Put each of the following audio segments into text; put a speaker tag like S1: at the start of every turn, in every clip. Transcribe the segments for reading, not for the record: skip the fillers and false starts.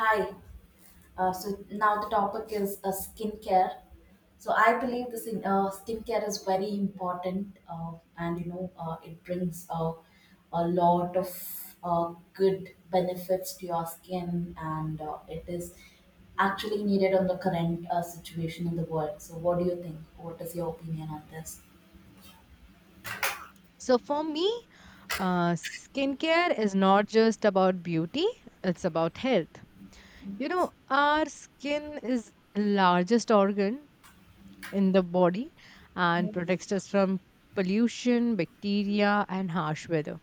S1: Hi. So now the topic is skincare. So I believe skincare is very important, and it brings a lot of good benefits to your skin, and it is actually needed on the current situation in the world. So what do you think? What is your opinion on this?
S2: So for me, skincare is not just about beauty, it's about health. You know, our skin is largest organ in the body and protects us from pollution, bacteria and harsh weather.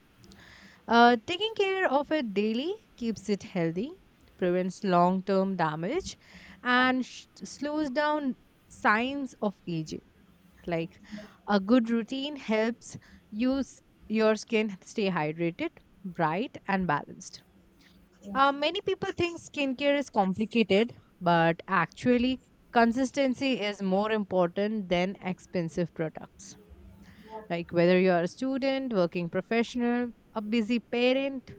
S2: Taking care of it daily keeps it healthy, prevents long-term damage and slows down signs of aging like a good routine helps you s- your skin stay hydrated, bright, and balanced.
S1: Yeah,
S2: Many people think skincare is complicated, but actually, consistency is more important than expensive products.
S1: yeah,
S2: Like whether you're a student, working professional, a busy parent,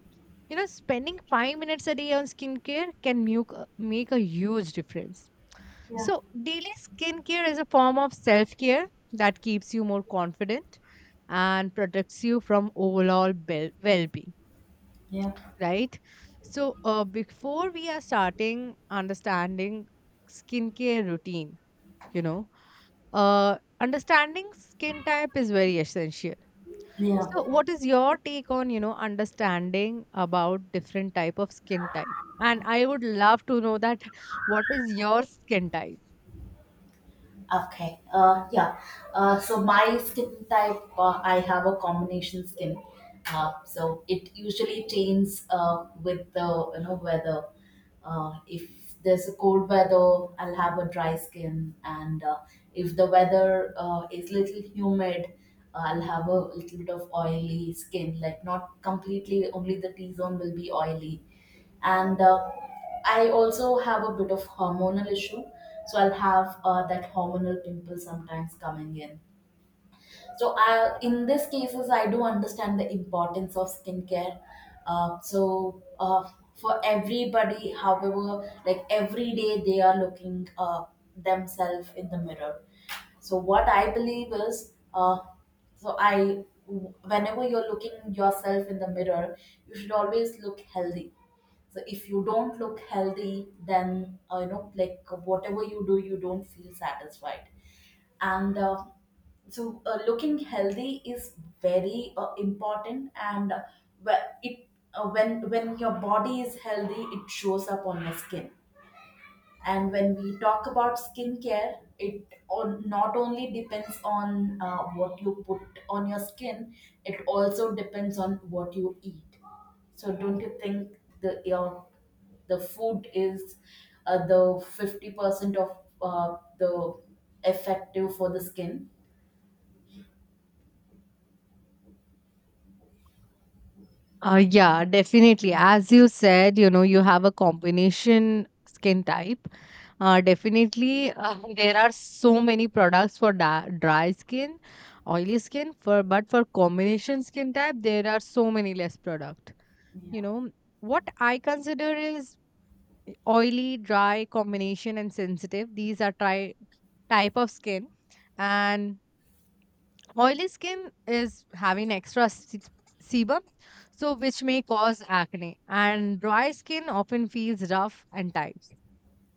S2: you know, spending 5 minutes a day on skincare can make a huge difference.
S1: yeah.
S2: So, daily skincare is a form of self care that keeps you more confident and protects you from overall well being,
S1: Yeah,
S2: right? So, before we are starting understanding skincare routine, you know, understanding skin type is very essential.
S1: yeah.
S2: So, what is your take on, you know, understanding about different type of skin type? And I would love to know that what is your skin type?
S1: Okay. Yeah. So my skin type, I have a combination skin. So it usually changes with the weather. If there's a cold weather, I'll have a dry skin, and if the weather is little humid, I'll have a little bit of oily skin. Like not completely, only the T zone will be oily, and I also have a bit of hormonal issue, so I'll have that hormonal pimple sometimes coming in. So in these cases, I do understand the importance of skincare. Uh, so uh, for everybody, however, like every day they are looking themselves in the mirror. So what I believe is, whenever you're looking yourself in the mirror, you should always look healthy. So if you don't look healthy, then like whatever you do, you don't feel satisfied. And so looking healthy is very important and wh- it when your body is healthy it shows up on your skin. And when we talk about skincare not only depends on what you put on your skin, it also depends on what you eat. So don't you think the your the food is the 50% of the effective for the skin?
S2: Yeah, definitely. As you said, you know, you have a combination skin type. Definitely, there are so many products for dry skin, oily skin. For but for combination skin type, there are so many less product. You
S1: Yeah.
S2: know what I consider is oily, dry combination, and sensitive. These are type of skin, and oily skin is having extra sebum, so which may cause acne. And dry skin often feels rough and tight.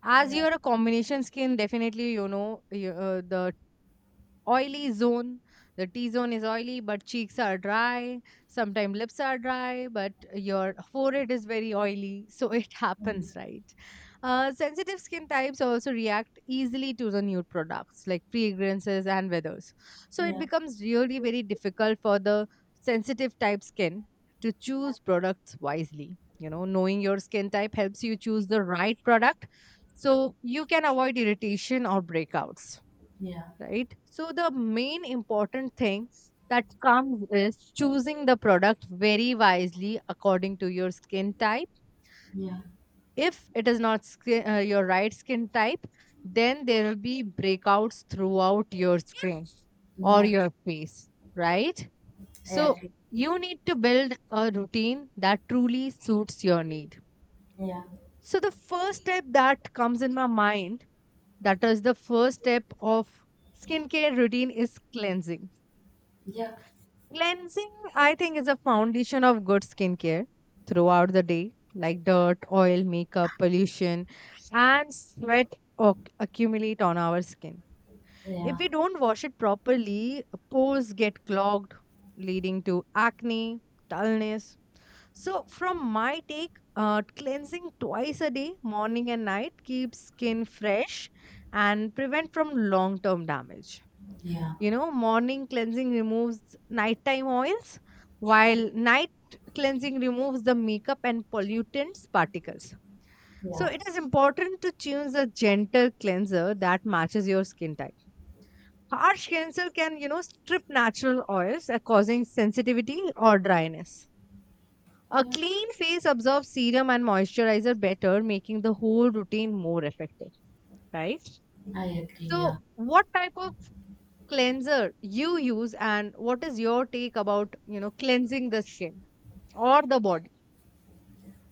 S2: As
S1: Yeah,
S2: you're a combination skin, definitely you know you, the oily zone. The T zone is oily, but cheeks are dry. Sometimes lips are dry, but your forehead is very oily. So it
S1: mm,
S2: happens, right? Sensitive skin types also react easily to the nude products like fragrances and weathers. So it
S1: yeah,
S2: becomes really very difficult for the sensitive type skin to choose products wisely. You know, knowing your skin type helps you choose the right product so you can avoid irritation or breakouts,
S1: yeah,
S2: right? So the main important thing that comes is choosing the product very wisely according to your skin type.
S1: yeah,
S2: If it is not skin, your right skin type, then there will be breakouts throughout your skin or
S1: yeah.
S2: your face, right?
S1: I
S2: So
S1: agree.
S2: you need to build a routine that truly suits your need.
S1: Yeah,
S2: So the first step that comes in my mind, that is the first step of skincare routine is cleansing.
S1: yeah,
S2: Cleansing, I think, is a foundation of good skincare throughout the day, like dirt, oil, makeup, pollution, and sweat accumulate on our skin.
S1: yeah,
S2: If we don't wash it properly, pores get clogged, leading to acne, dullness. So, from my take, cleansing twice a day, morning and night, keeps skin fresh and prevent from long-term damage.
S1: yeah,
S2: You know, morning cleansing removes nighttime oils, while night cleansing removes the makeup and pollutants particles. So
S1: yeah,
S2: it is important to choose a gentle cleanser that matches your skin type. Harsh cleanser can, you know, strip natural oils, causing sensitivity or dryness. A
S1: yeah.
S2: clean face absorbs serum and moisturizer better, making the whole routine more effective, right?
S1: I agree. Yeah,
S2: So, what type of cleanser you use and what is your take about you know cleansing the skin or the body?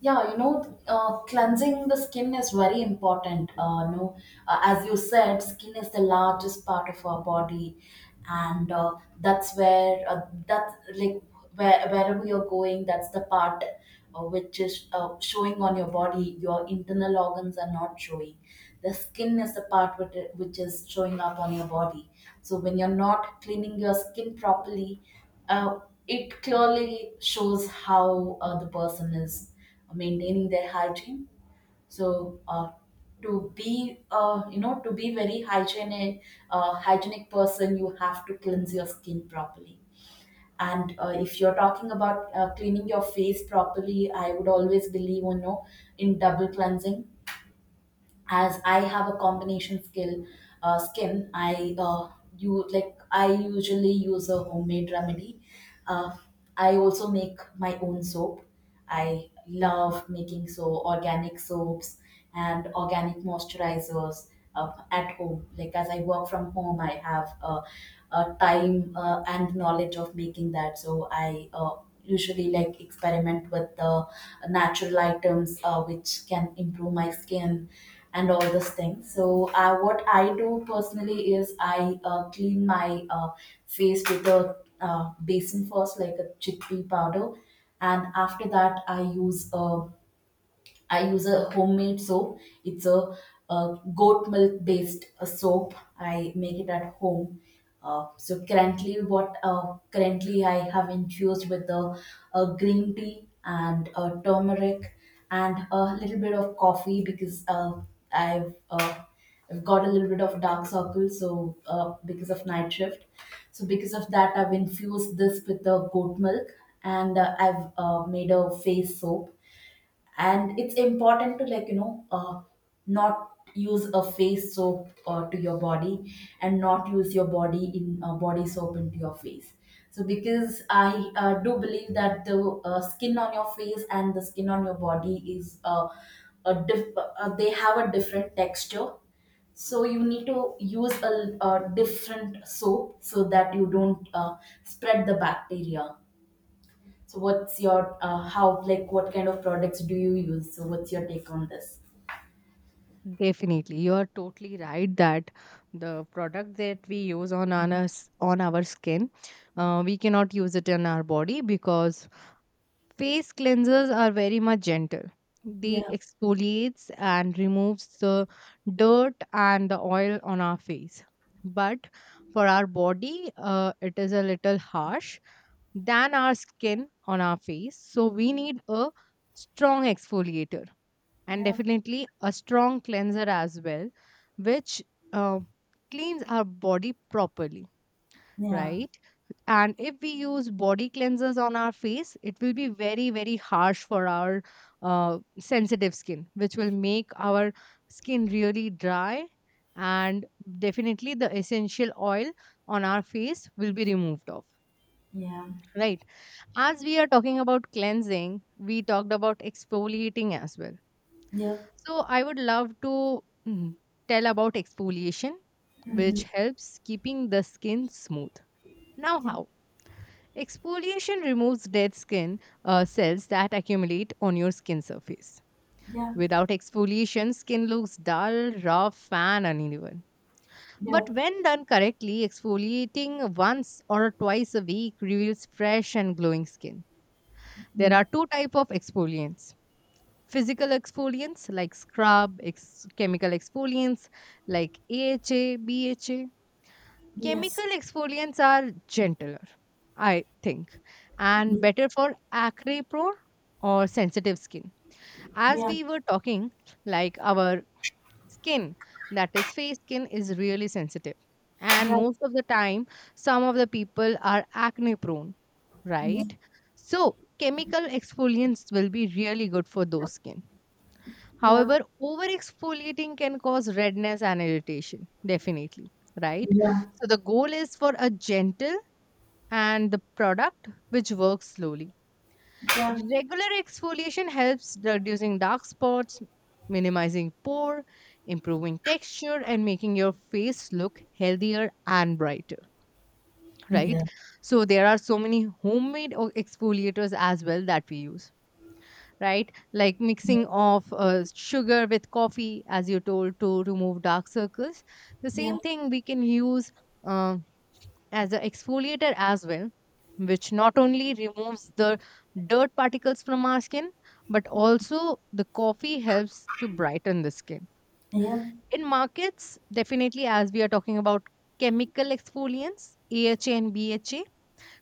S1: yeah. Cleansing the skin is very important. No, as you said, skin is the largest part of our body, and that's where that's like where, wherever you're going that's the part which is showing on your body. Your internal organs are not showing. The skin is the part which is showing up on your body. So when you're not cleaning your skin properly uh, it clearly shows how the person is maintaining their hygiene. So to be to be very hygienic hygienic person you have to cleanse your skin properly. And if you're talking about cleaning your face properly I would always believe in double cleansing as I have a combination skill skin, I you like I usually use a homemade remedy. Uh, I also make my own soap. I love making so organic soaps and organic moisturizers at home. Like as I work from home, I have time and knowledge of making that. So I usually like experiment with the natural items which can improve my skin and all those things. So what I do personally is I clean my face with a basin first, like a chickpea powder, and after that I use a homemade soap. It's a, goat milk based soap. I make it at home. Currently I have infused with the green tea and turmeric and a little bit of coffee because I've uh, I've got a little bit of dark circles. So because of night shift, so because of that, I've infused this with the goat milk and I've made a face soap. And it's important to like not use a face soap to your body and not use your body soap into your face. So because I do believe that the skin on your face and the skin on your body is they have a different texture. So you need to use a different soap so that you don't spread the bacteria. So what's your how like what kind of products do you use? So what's your take on this?
S2: Definitely, you are totally right that the product that we use on our on our skin, we cannot use it on our body because face cleansers are very much gentle. They
S1: Yeah,
S2: exfoliates and removes the dirt and the oil on our face. But for our body, it is a little harsh than our skin on our face. So we need a strong exfoliator and
S1: yeah,
S2: definitely a strong cleanser as well, which uh, cleans our body properly,
S1: yeah,
S2: right? And if we use body cleansers on our face, it will be very, very harsh for our sensitive skin, which will make our skin really dry. And definitely the essential oil on our face will be removed off,
S1: yeah,
S2: right? As we are talking about cleansing, we talked about exfoliating as well.
S1: yeah,
S2: So I would love to mm, tell about exfoliation,
S1: mm-hmm,
S2: which helps keeping the skin smooth. Now,
S1: yeah,
S2: how? Exfoliation removes dead skin cells that accumulate on your skin surface.
S1: yeah,
S2: Without exfoliation, skin looks dull, rough, and uneven.
S1: yeah,
S2: But when done correctly, exfoliating once or twice a week reveals fresh and glowing skin. There are
S1: mm,
S2: two types of exfoliants. Physical exfoliants like scrub, chemical exfoliants like AHA, BHA.
S1: yes,
S2: Chemical exfoliants are gentler, I think,
S1: yeah,
S2: and better for acne prone or sensitive skin. As
S1: yeah,
S2: we were talking, like our skin, that is face skin, is really sensitive. And
S1: yeah,
S2: most of the time, some of the people are acne prone,
S1: yeah,
S2: right? So, chemical exfoliants will be really good for those skin.
S1: yeah, yeah,
S2: However, over exfoliating can cause redness and irritation, definitely, right? So the goal is for a gentle and the product which works slowly.
S1: yeah,
S2: Regular exfoliation helps reducing dark spots, minimizing pore, improving texture, and making your face look healthier and brighter, right?
S1: yeah,
S2: So there are so many homemade exfoliators as well that we use, right? Like mixing of sugar with coffee, as you told, to remove dark circles. The same thing we can use um as an exfoliator as well, which not only removes the dirt particles from our skin, but also the coffee helps to brighten the skin.
S1: yeah,
S2: In markets, definitely, as we are talking about chemical exfoliants, AHA and BHA,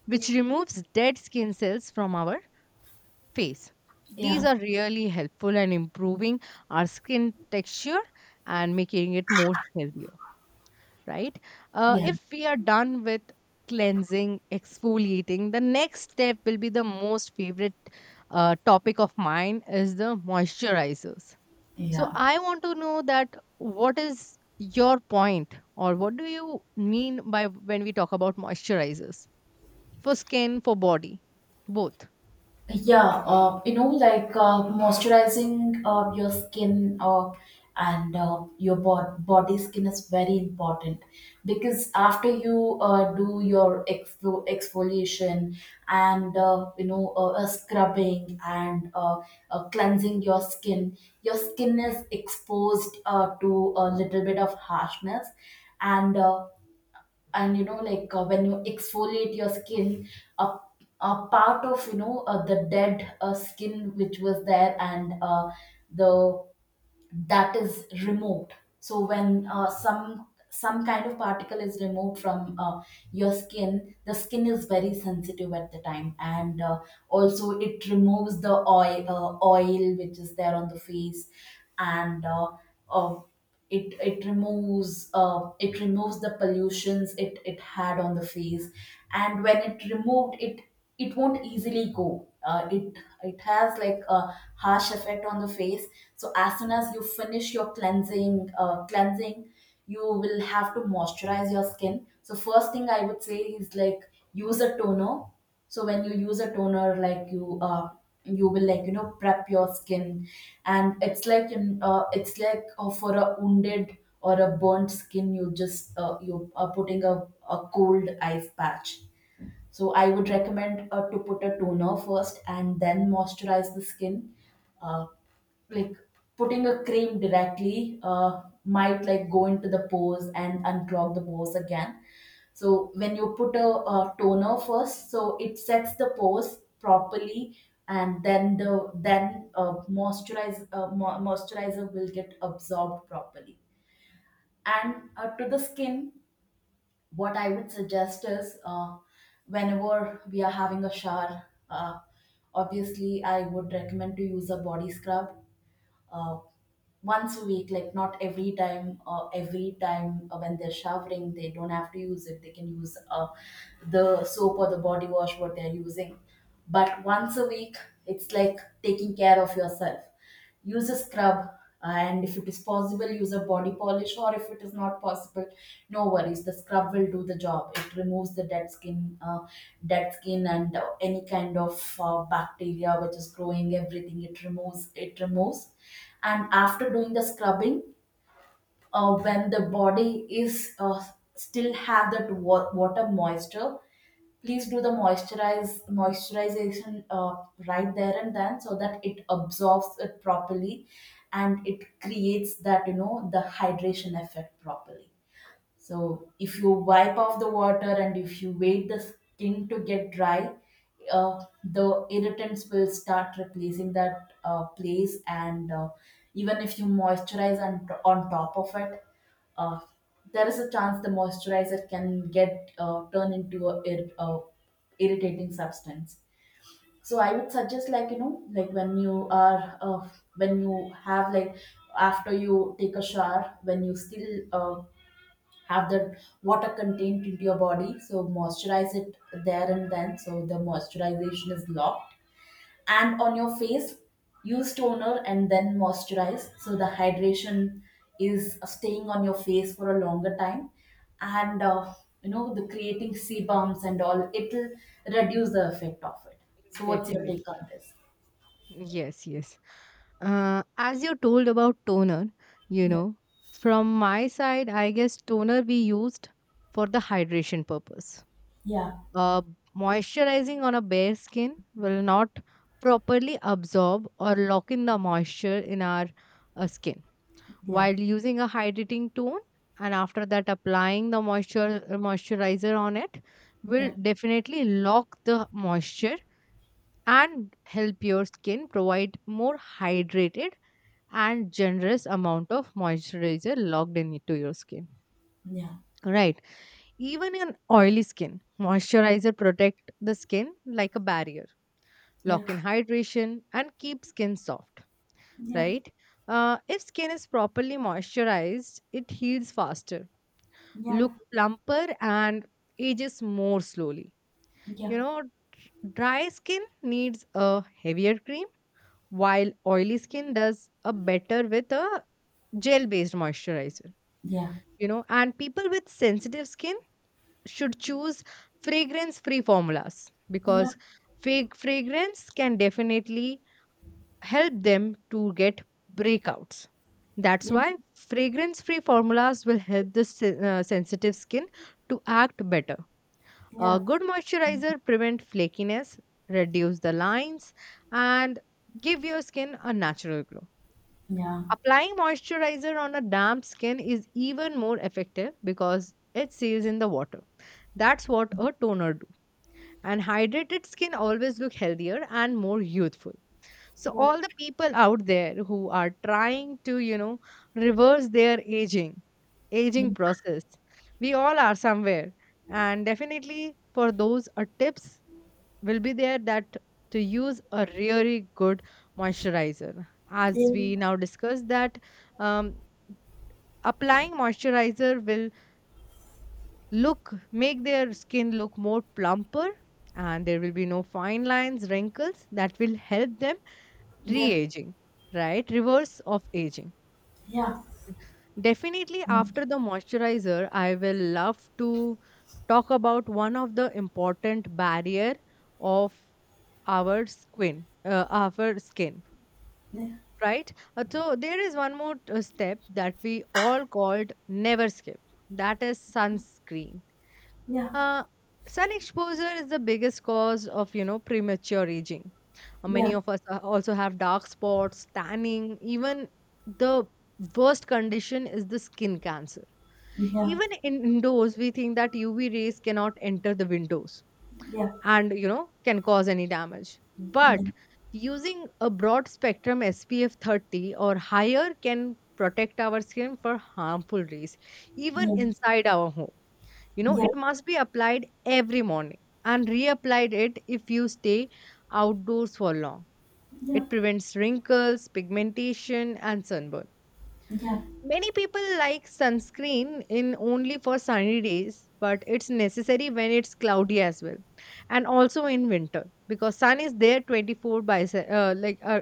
S2: which
S1: yeah,
S2: removes dead skin cells from our face. These are really helpful in improving our skin texture and making it more healthier, right?
S1: yeah, yeah,
S2: If we are done with cleansing, exfoliating, the next step will be the most favorite topic of mine is the moisturizers. So
S1: yeah.
S2: I want to know that what is your point or what do you mean by when we talk about moisturizers for skin, for body, both?
S1: Yeah, you know, like moisturizing your skin and your body skin is very important because after you do your exfoliation and scrubbing and cleansing your skin is exposed to a little bit of harshness. And when you exfoliate your skin a, a part of the dead skin which was there and the that is removed. So when some kind of particle is removed from your skin, the skin is very sensitive at the time. And also it removes the oil oil which is there on the face. And uh, it it removes uh, it removes the pollutions it had on the face. And when it removed it, it won't easily go. It it has like a harsh effect on the face. So as soon as you finish your cleansing you will have to moisturize your skin. So first thing I would say is, like, use a toner. So when you use a toner, like, you you will, like, prep your skin. And it's like in it's like for a wounded or a burnt skin you just you are putting a cold ice patch. So I would recommend to put a toner first and then moisturize the skin. Uh, like putting a cream directly might, like, go into the pores and unclog the pores again. So when you put toner first, so it sets the pores properly. And then moisturizer will get absorbed properly and to the skin. What I would suggest is whenever we are having a shower obviously I would recommend to use a body scrub. Uh, once a week, like, not every time when they're showering they don't have to use it, they can use the soap or the body wash what they're using. But once a week, it's like taking care of yourself. Use a scrub and if it is possible use a body polish. Or if it is not possible, no worries, the scrub will do the job. It removes the dead skin and any kind of bacteria which is growing, everything it removes. And after doing the scrubbing when the body is still have that water moisture, please do the moisturize moisturization right there and then so that it absorbs it properly. And it creates that, the hydration effect properly. So if you wipe off the water and if you wait the skin to get dry, the irritants will start replacing that place. And even if you moisturize on top of it, uh, there is a chance the moisturizer can get turned into a irritating substance. So I would suggest, like, like, when you are when you have like after you take a shower when you still have the water contained into your body. So moisturize it there and then so the moisturization is locked. And on your face use toner and then moisturize so the hydration is staying on your face for a longer time. And the creating sebums and all, it will reduce the effect of it. So what's your take
S2: Definitely.
S1: on this?
S2: Yes, yes. As you told about toner, you
S1: Yeah,
S2: know, from my side, I guess toner we used for the hydration purpose.
S1: yeah,
S2: Uh, Moisturizing on a bare skin will not properly absorb or lock in the moisture in our skin.
S1: yeah,
S2: While using a hydrating tone and after that applying the moisture moisturizer on it will
S1: yeah,
S2: definitely lock the moisture and help your skin provide more hydrated and generous amount of moisturizer locked into your skin,
S1: yeah,
S2: right? Even in oily skin moisturizer protect the skin like a barrier, lock in
S1: yeah,
S2: hydration and keep skin soft,
S1: yeah,
S2: right? If skin is properly moisturized it heals faster,
S1: yeah,
S2: look plumper and ages more slowly.
S1: yeah,
S2: You know, dry skin needs a heavier cream, while oily skin does a better with a gel based moisturizer.
S1: yeah,
S2: You know, and people with sensitive skin should choose fragrance free formulas
S1: yeah,
S2: because fake fragrance can definitely help them to get breakouts. That's
S1: yeah.
S2: why fragrance free formulas will help the sensitive skin to act better. A
S1: Yeah,
S2: good moisturizer prevent flakiness, reduce the lines, and give your skin a natural glow.
S1: yeah,
S2: Applying moisturizer on a damp skin is even more effective because it seals in the water. That's what a toner do. And hydrated skin always look healthier and more youthful. So
S1: yeah,
S2: all the people out there who are trying to, you know, reverse their aging,
S1: yeah,
S2: aging process, we all are somewhere. And definitely for those are tips will be there that to use a really good moisturizer as we
S1: yeah,
S2: now discussed that um, applying moisturizer will look make their skin look more plumper and there will be no fine lines wrinkles that will help them
S1: yeah,
S2: re-aging, right? Reverse of aging.
S1: yeah.
S2: Definitely after the moisturizer I will love to talk about one of the important barrier of our skin,
S1: Yeah.
S2: right? So there is one more step that we all called never skip. That is sunscreen.
S1: Yeah,
S2: Uh, Sun exposure is the biggest cause of you know premature aging.
S1: yeah, yeah,
S2: Many of us also have dark spots, tanning. Even the worst condition is the skin cancer.
S1: yeah,
S2: Even in indoors, we think that UV rays cannot enter the windows
S1: yeah, yeah,
S2: and you know can cause any damage
S1: yeah,
S2: but using a broad spectrum SPF 30 or higher can protect our skin for harmful rays even inside our home. You know
S1: yeah,
S2: it must be applied every morning and reapplied it if you stay outdoors for long.
S1: yeah,
S2: It prevents wrinkles pigmentation and sunburn. Many people like sunscreen in only for sunny days, but it's necessary when it's cloudy as well, and also in winter because sun is there 24 by se- like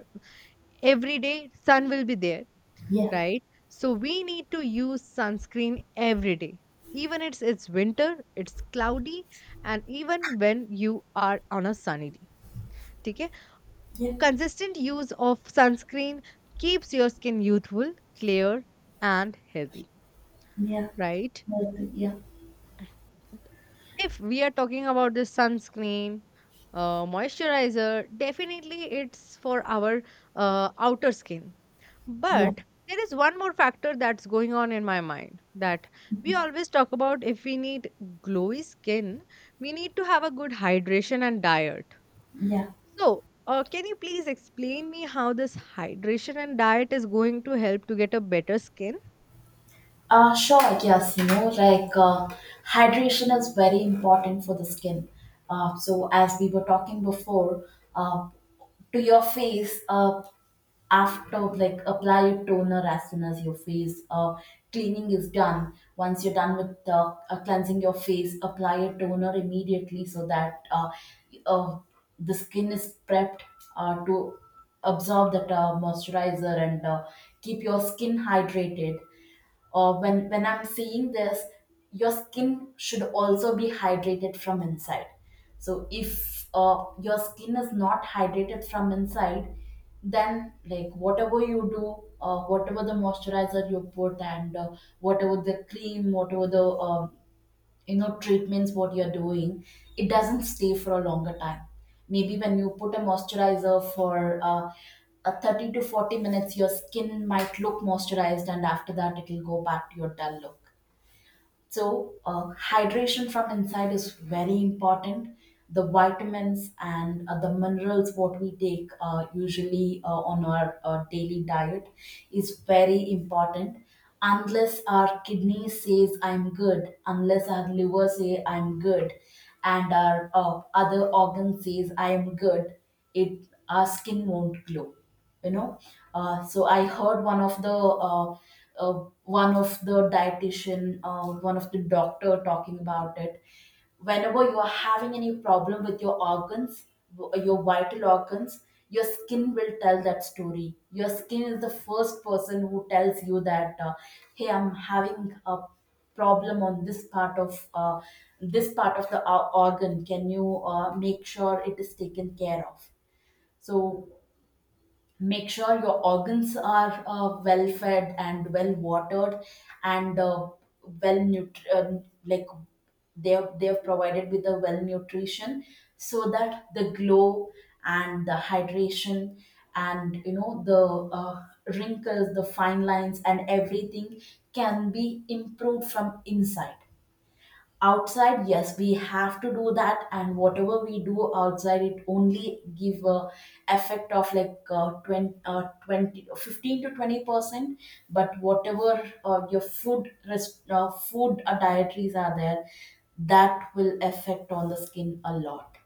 S2: every day sun will be there,
S1: yeah,
S2: right? So we need to use sunscreen every day. Even it's winter, it's cloudy, and even when you are on a sunny day. Okay?
S1: yeah,
S2: Consistent use of sunscreen keeps your skin youthful, clear, and healthy,
S1: yeah,
S2: right?
S1: like, yeah,
S2: If we are talking about this sunscreen, moisturizer, definitely it's for our outer skin.
S1: yeah,
S2: But there is one more factor that's going on in my mind, that we always talk about: if we need glowy skin, we need to have a good hydration and diet.
S1: yeah.
S2: So can you please explain me how this hydration and diet is going to help to get a better skin?
S1: Sure, yes, like hydration is very important for the skin. As we were talking before, uh, to your face, after like apply your toner as soon as your face cleaning is done. Once you're done with cleansing your face, apply a toner immediately so that uh, the skin is prepped to absorb that moisturizer and keep your skin hydrated. Or when I'm seeing this, your skin should also be hydrated from inside. So if your skin is not hydrated from inside, then like whatever you do, whatever the moisturizer you put and whatever the cream, whatever the um treatments what you're doing, it doesn't stay for a longer time. Maybe when you put a moisturizer for a 30 to 40 minutes, your skin might look moisturized, and after that it will go back to your dull look. So, hydration from inside is very important. The vitamins and the minerals what we take usually on our daily diet is very important. Unless our kidney says I'm good, unless our liver say I'm good, and our other organ says I am good, it our skin won't glow you know so I heard uh, one of the dietitian, one of the doctor talking about it. Whenever you are having any problem with your organs, your vital organs, your skin will tell that story. Your skin is the first person who tells you that, hey, I'm having a problem on this part of, this part of the organ. Can you make sure it is taken care of? So make sure your organs are well fed and well watered, and like they are provided with the well nutrition, so that the glow and the hydration and the wrinkles, the fine lines and everything can be improved from inside. Outside, yes, we have to do that, and whatever we do outside, it only give a effect of like uh, 20, uh, 20 15 to 20%. But whatever your food rest, food dietaries are there, that will affect on the skin a lot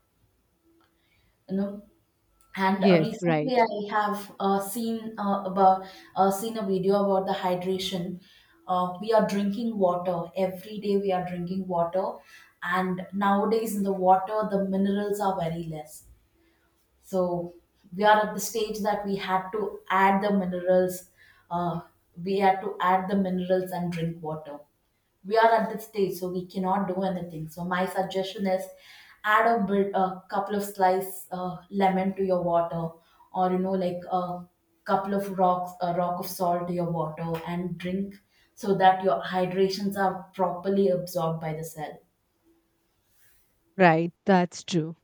S1: you know and
S2: Yes,
S1: recently,
S2: right.
S1: I have seen a video about the hydration. We are drinking water every day. We are drinking water, and nowadays in the water, the minerals are very less. So we are at the stage that we had to add the minerals. Uh, we had to add the minerals and drink water. We are at this stage, so we cannot do anything. So my suggestion is, add a bit, a couple of slice lemon to your water, or like a rock of salt to your water, and drink so that your hydrations are properly absorbed by the cell.
S2: Right, that's true.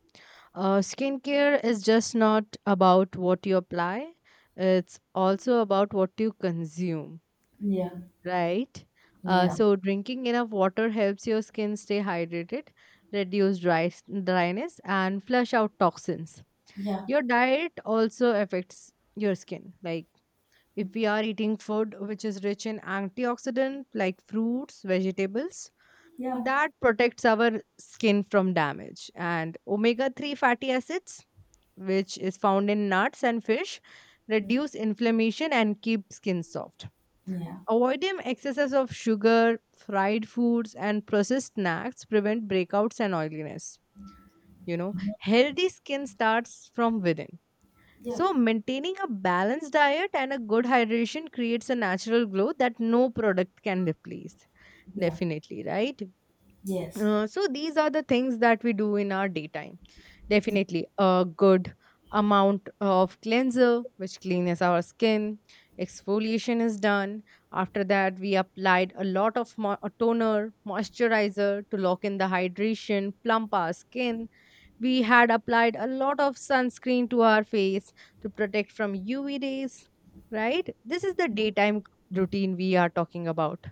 S2: Skincare is just not about what you apply, it's also about what you consume,
S1: Yeah.
S2: right?
S1: Yeah.
S2: Drinking enough water helps your skin stay hydrated, reduce dryness, and flush out toxins.
S1: Yeah.
S2: Your diet also affects your skin. Like, if we are eating food which is rich in antioxidant, like fruits, vegetables,
S1: Yeah.
S2: that protects our skin from damage. And omega 3 fatty acids, which is found in nuts and fish,
S1: Mm.
S2: reduce inflammation and keep skin soft.
S1: Yeah.
S2: Avoiding excesses of sugar, fried foods, and processed snacks prevent breakouts and oiliness. You know, healthy skin starts from within.
S1: Yeah.
S2: So, maintaining a balanced diet and a good hydration creates a natural glow that no product can replace.
S1: Yeah.
S2: Definitely, right?
S1: Yes.
S2: These are the things that we do in our daytime. Definitely a good amount of cleanser, which cleans our skin. Exfoliation is done. After that, we applied a lot of mo- a toner, moisturizer to lock in the hydration, plump our skin. We had applied a lot of sunscreen to our face to protect from UV rays, right? This is the daytime routine we are talking about.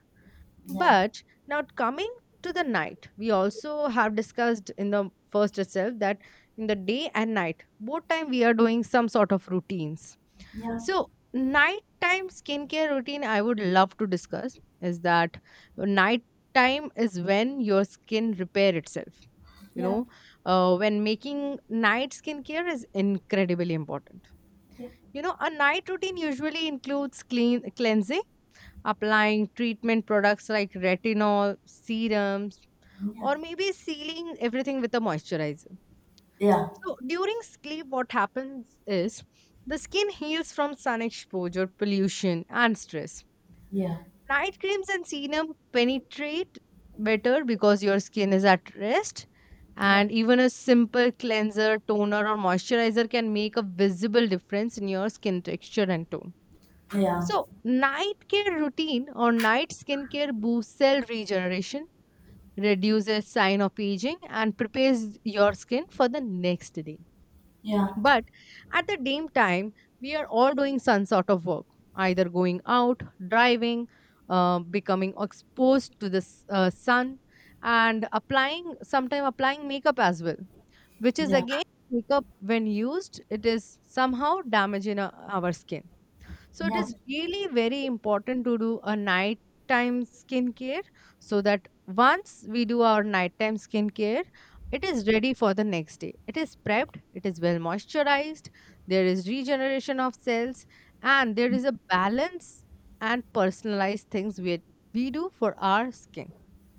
S1: Yeah.
S2: But now coming to the night, we also have discussed in the first itself that in the day and night, both time we are doing some sort of routines.
S1: Yeah.
S2: So nighttime skincare routine I would love to discuss is that nighttime is when your skin repair itself. You
S1: Yeah. Yeah.
S2: know, when making night skincare is incredibly important. You know, a night routine usually includes clean cleansing, applying treatment products like retinol, serums,
S1: Yeah.
S2: or maybe sealing everything with a moisturizer.
S1: Yeah.
S2: So during sleep, what happens is the skin heals from sun exposure, pollution, and stress.
S1: Yeah. Yeah.
S2: Night creams and serum penetrate better because your skin is at rest.
S1: Yeah.
S2: And even a simple cleanser, toner, or moisturizer can make a visible difference in your skin texture and tone.
S1: Yeah. Yeah.
S2: So, night care routine or night skincare boosts cell regeneration, reduces sign of aging, and prepares your skin for the next day. But at the same time, we are all doing some sort of work, either going out, driving, becoming exposed to the sun, and applying, sometime applying makeup as well, which is again, makeup when used, it is somehow damaging our skin. So it
S1: Yeah. Yeah.
S2: is really very important to do a nighttime skincare, so that once we do our nighttime skincare, it is ready for the next day. It is prepped, it is well moisturized, there is regeneration of cells, and there is a balance and personalized things we do for our skin,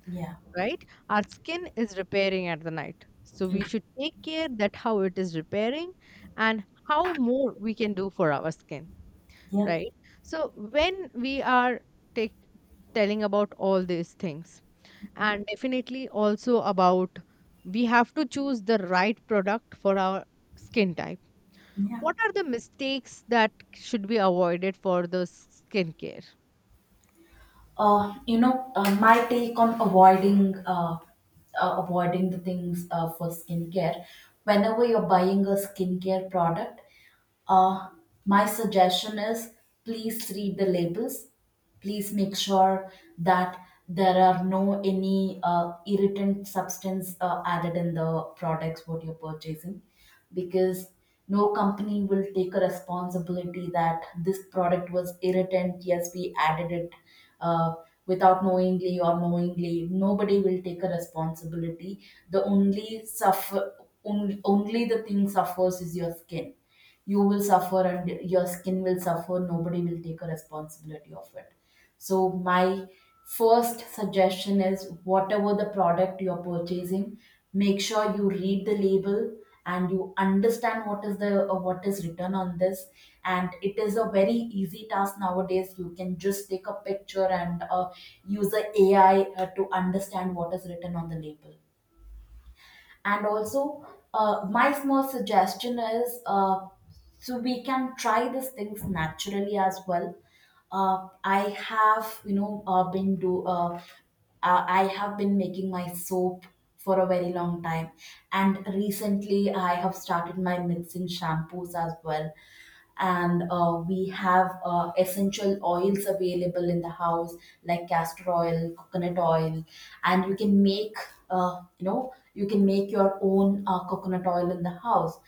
S1: Yeah.
S2: right? Our skin is repairing at the night. So we should take care that how it is repairing, and how more we can do for our skin,
S1: Yeah.
S2: right? So when we are take, telling about all these things, and definitely also about, we have to choose the right product for our skin type.
S1: Yeah.
S2: What are the mistakes that should be avoided for the skincare?
S1: My take on avoiding the things for skincare. Whenever you're buying a skincare product, uh, my suggestion is, please read the labels. Please make sure that there are no any irritant substance added in the products what you're purchasing, because no company will take a responsibility that this product was irritant, yes, we added it, uh, without knowingly or knowingly. Nobody will take a responsibility. The only suffer, only the thing suffers is your skin. You will suffer and your skin will suffer. Nobody will take a responsibility of it. So, my first suggestion is, whatever the product you're purchasing, make sure you read the label and you understand what is the what is written on this. And it is a very easy task nowadays. You can just take a picture and use the AI to understand what is written on the label. And also, my small suggestion is, so we can try these things naturally as well. I have you know been do I have been making my soap for a very long time. And recently I have started my mixing shampoos as well. And we have essential oils available in the house, like castor oil, coconut oil. And you can make your own coconut oil in the house.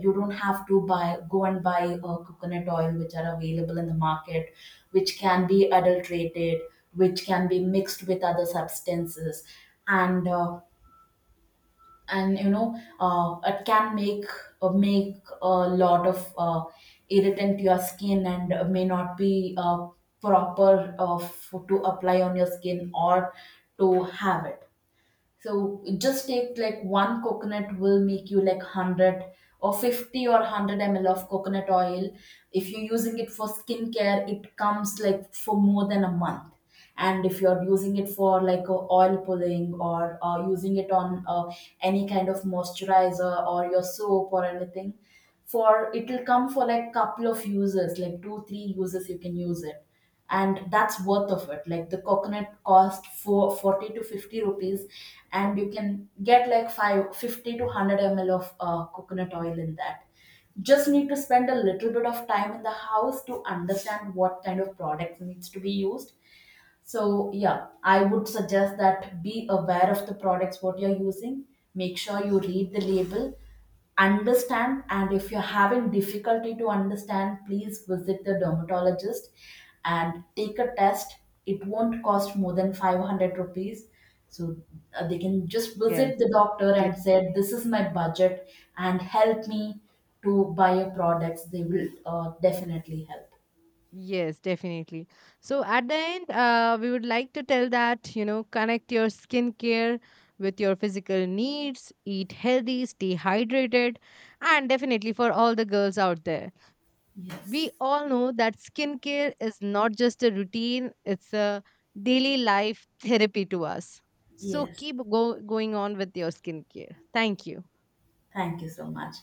S1: You don't have to buy go and buy coconut oil which are available in the market, which can be adulterated, which can be mixed with other substances, and uh, and it can make a lot of irritant to your skin, and may not be proper to apply on your skin or to have it. So just take like one coconut will make you like 100 or 50 or 100 ml of coconut oil. If you're using it for skincare, it comes like for more than a month. And if you're using it for like a oil pulling or using it on any kind of moisturizer or your soap or anything, for it will come for like couple of uses, like two, three uses you can use it. And that's worth of it. Like the coconut cost for 40 to 50 rupees, and you can get like 550 to 100 ml of coconut oil in that. Just need to spend a little bit of time in the house to understand what kind of products needs to be used. So, yeah, I would suggest that, be aware of the products what you're using. Make sure you read the label, understand, and if you're having difficulty to understand, please visit the dermatologist and take a test. It won't cost more than 500 rupees. So, they can just
S2: Yes,
S1: visit the doctor
S2: yes.
S1: and say, "This is my budget, and help me to buy your products." They will definitely help.
S2: Yes, definitely. So at the end, we would like to tell that, you know, connect your skincare with your physical needs, eat healthy, stay hydrated, and definitely for all the girls out there. We
S1: Yes.
S2: all know that skincare is not just a routine, it's a daily life therapy to us. So
S1: Yes.
S2: keep going on with your skincare. Thank you.
S1: Thank you so much.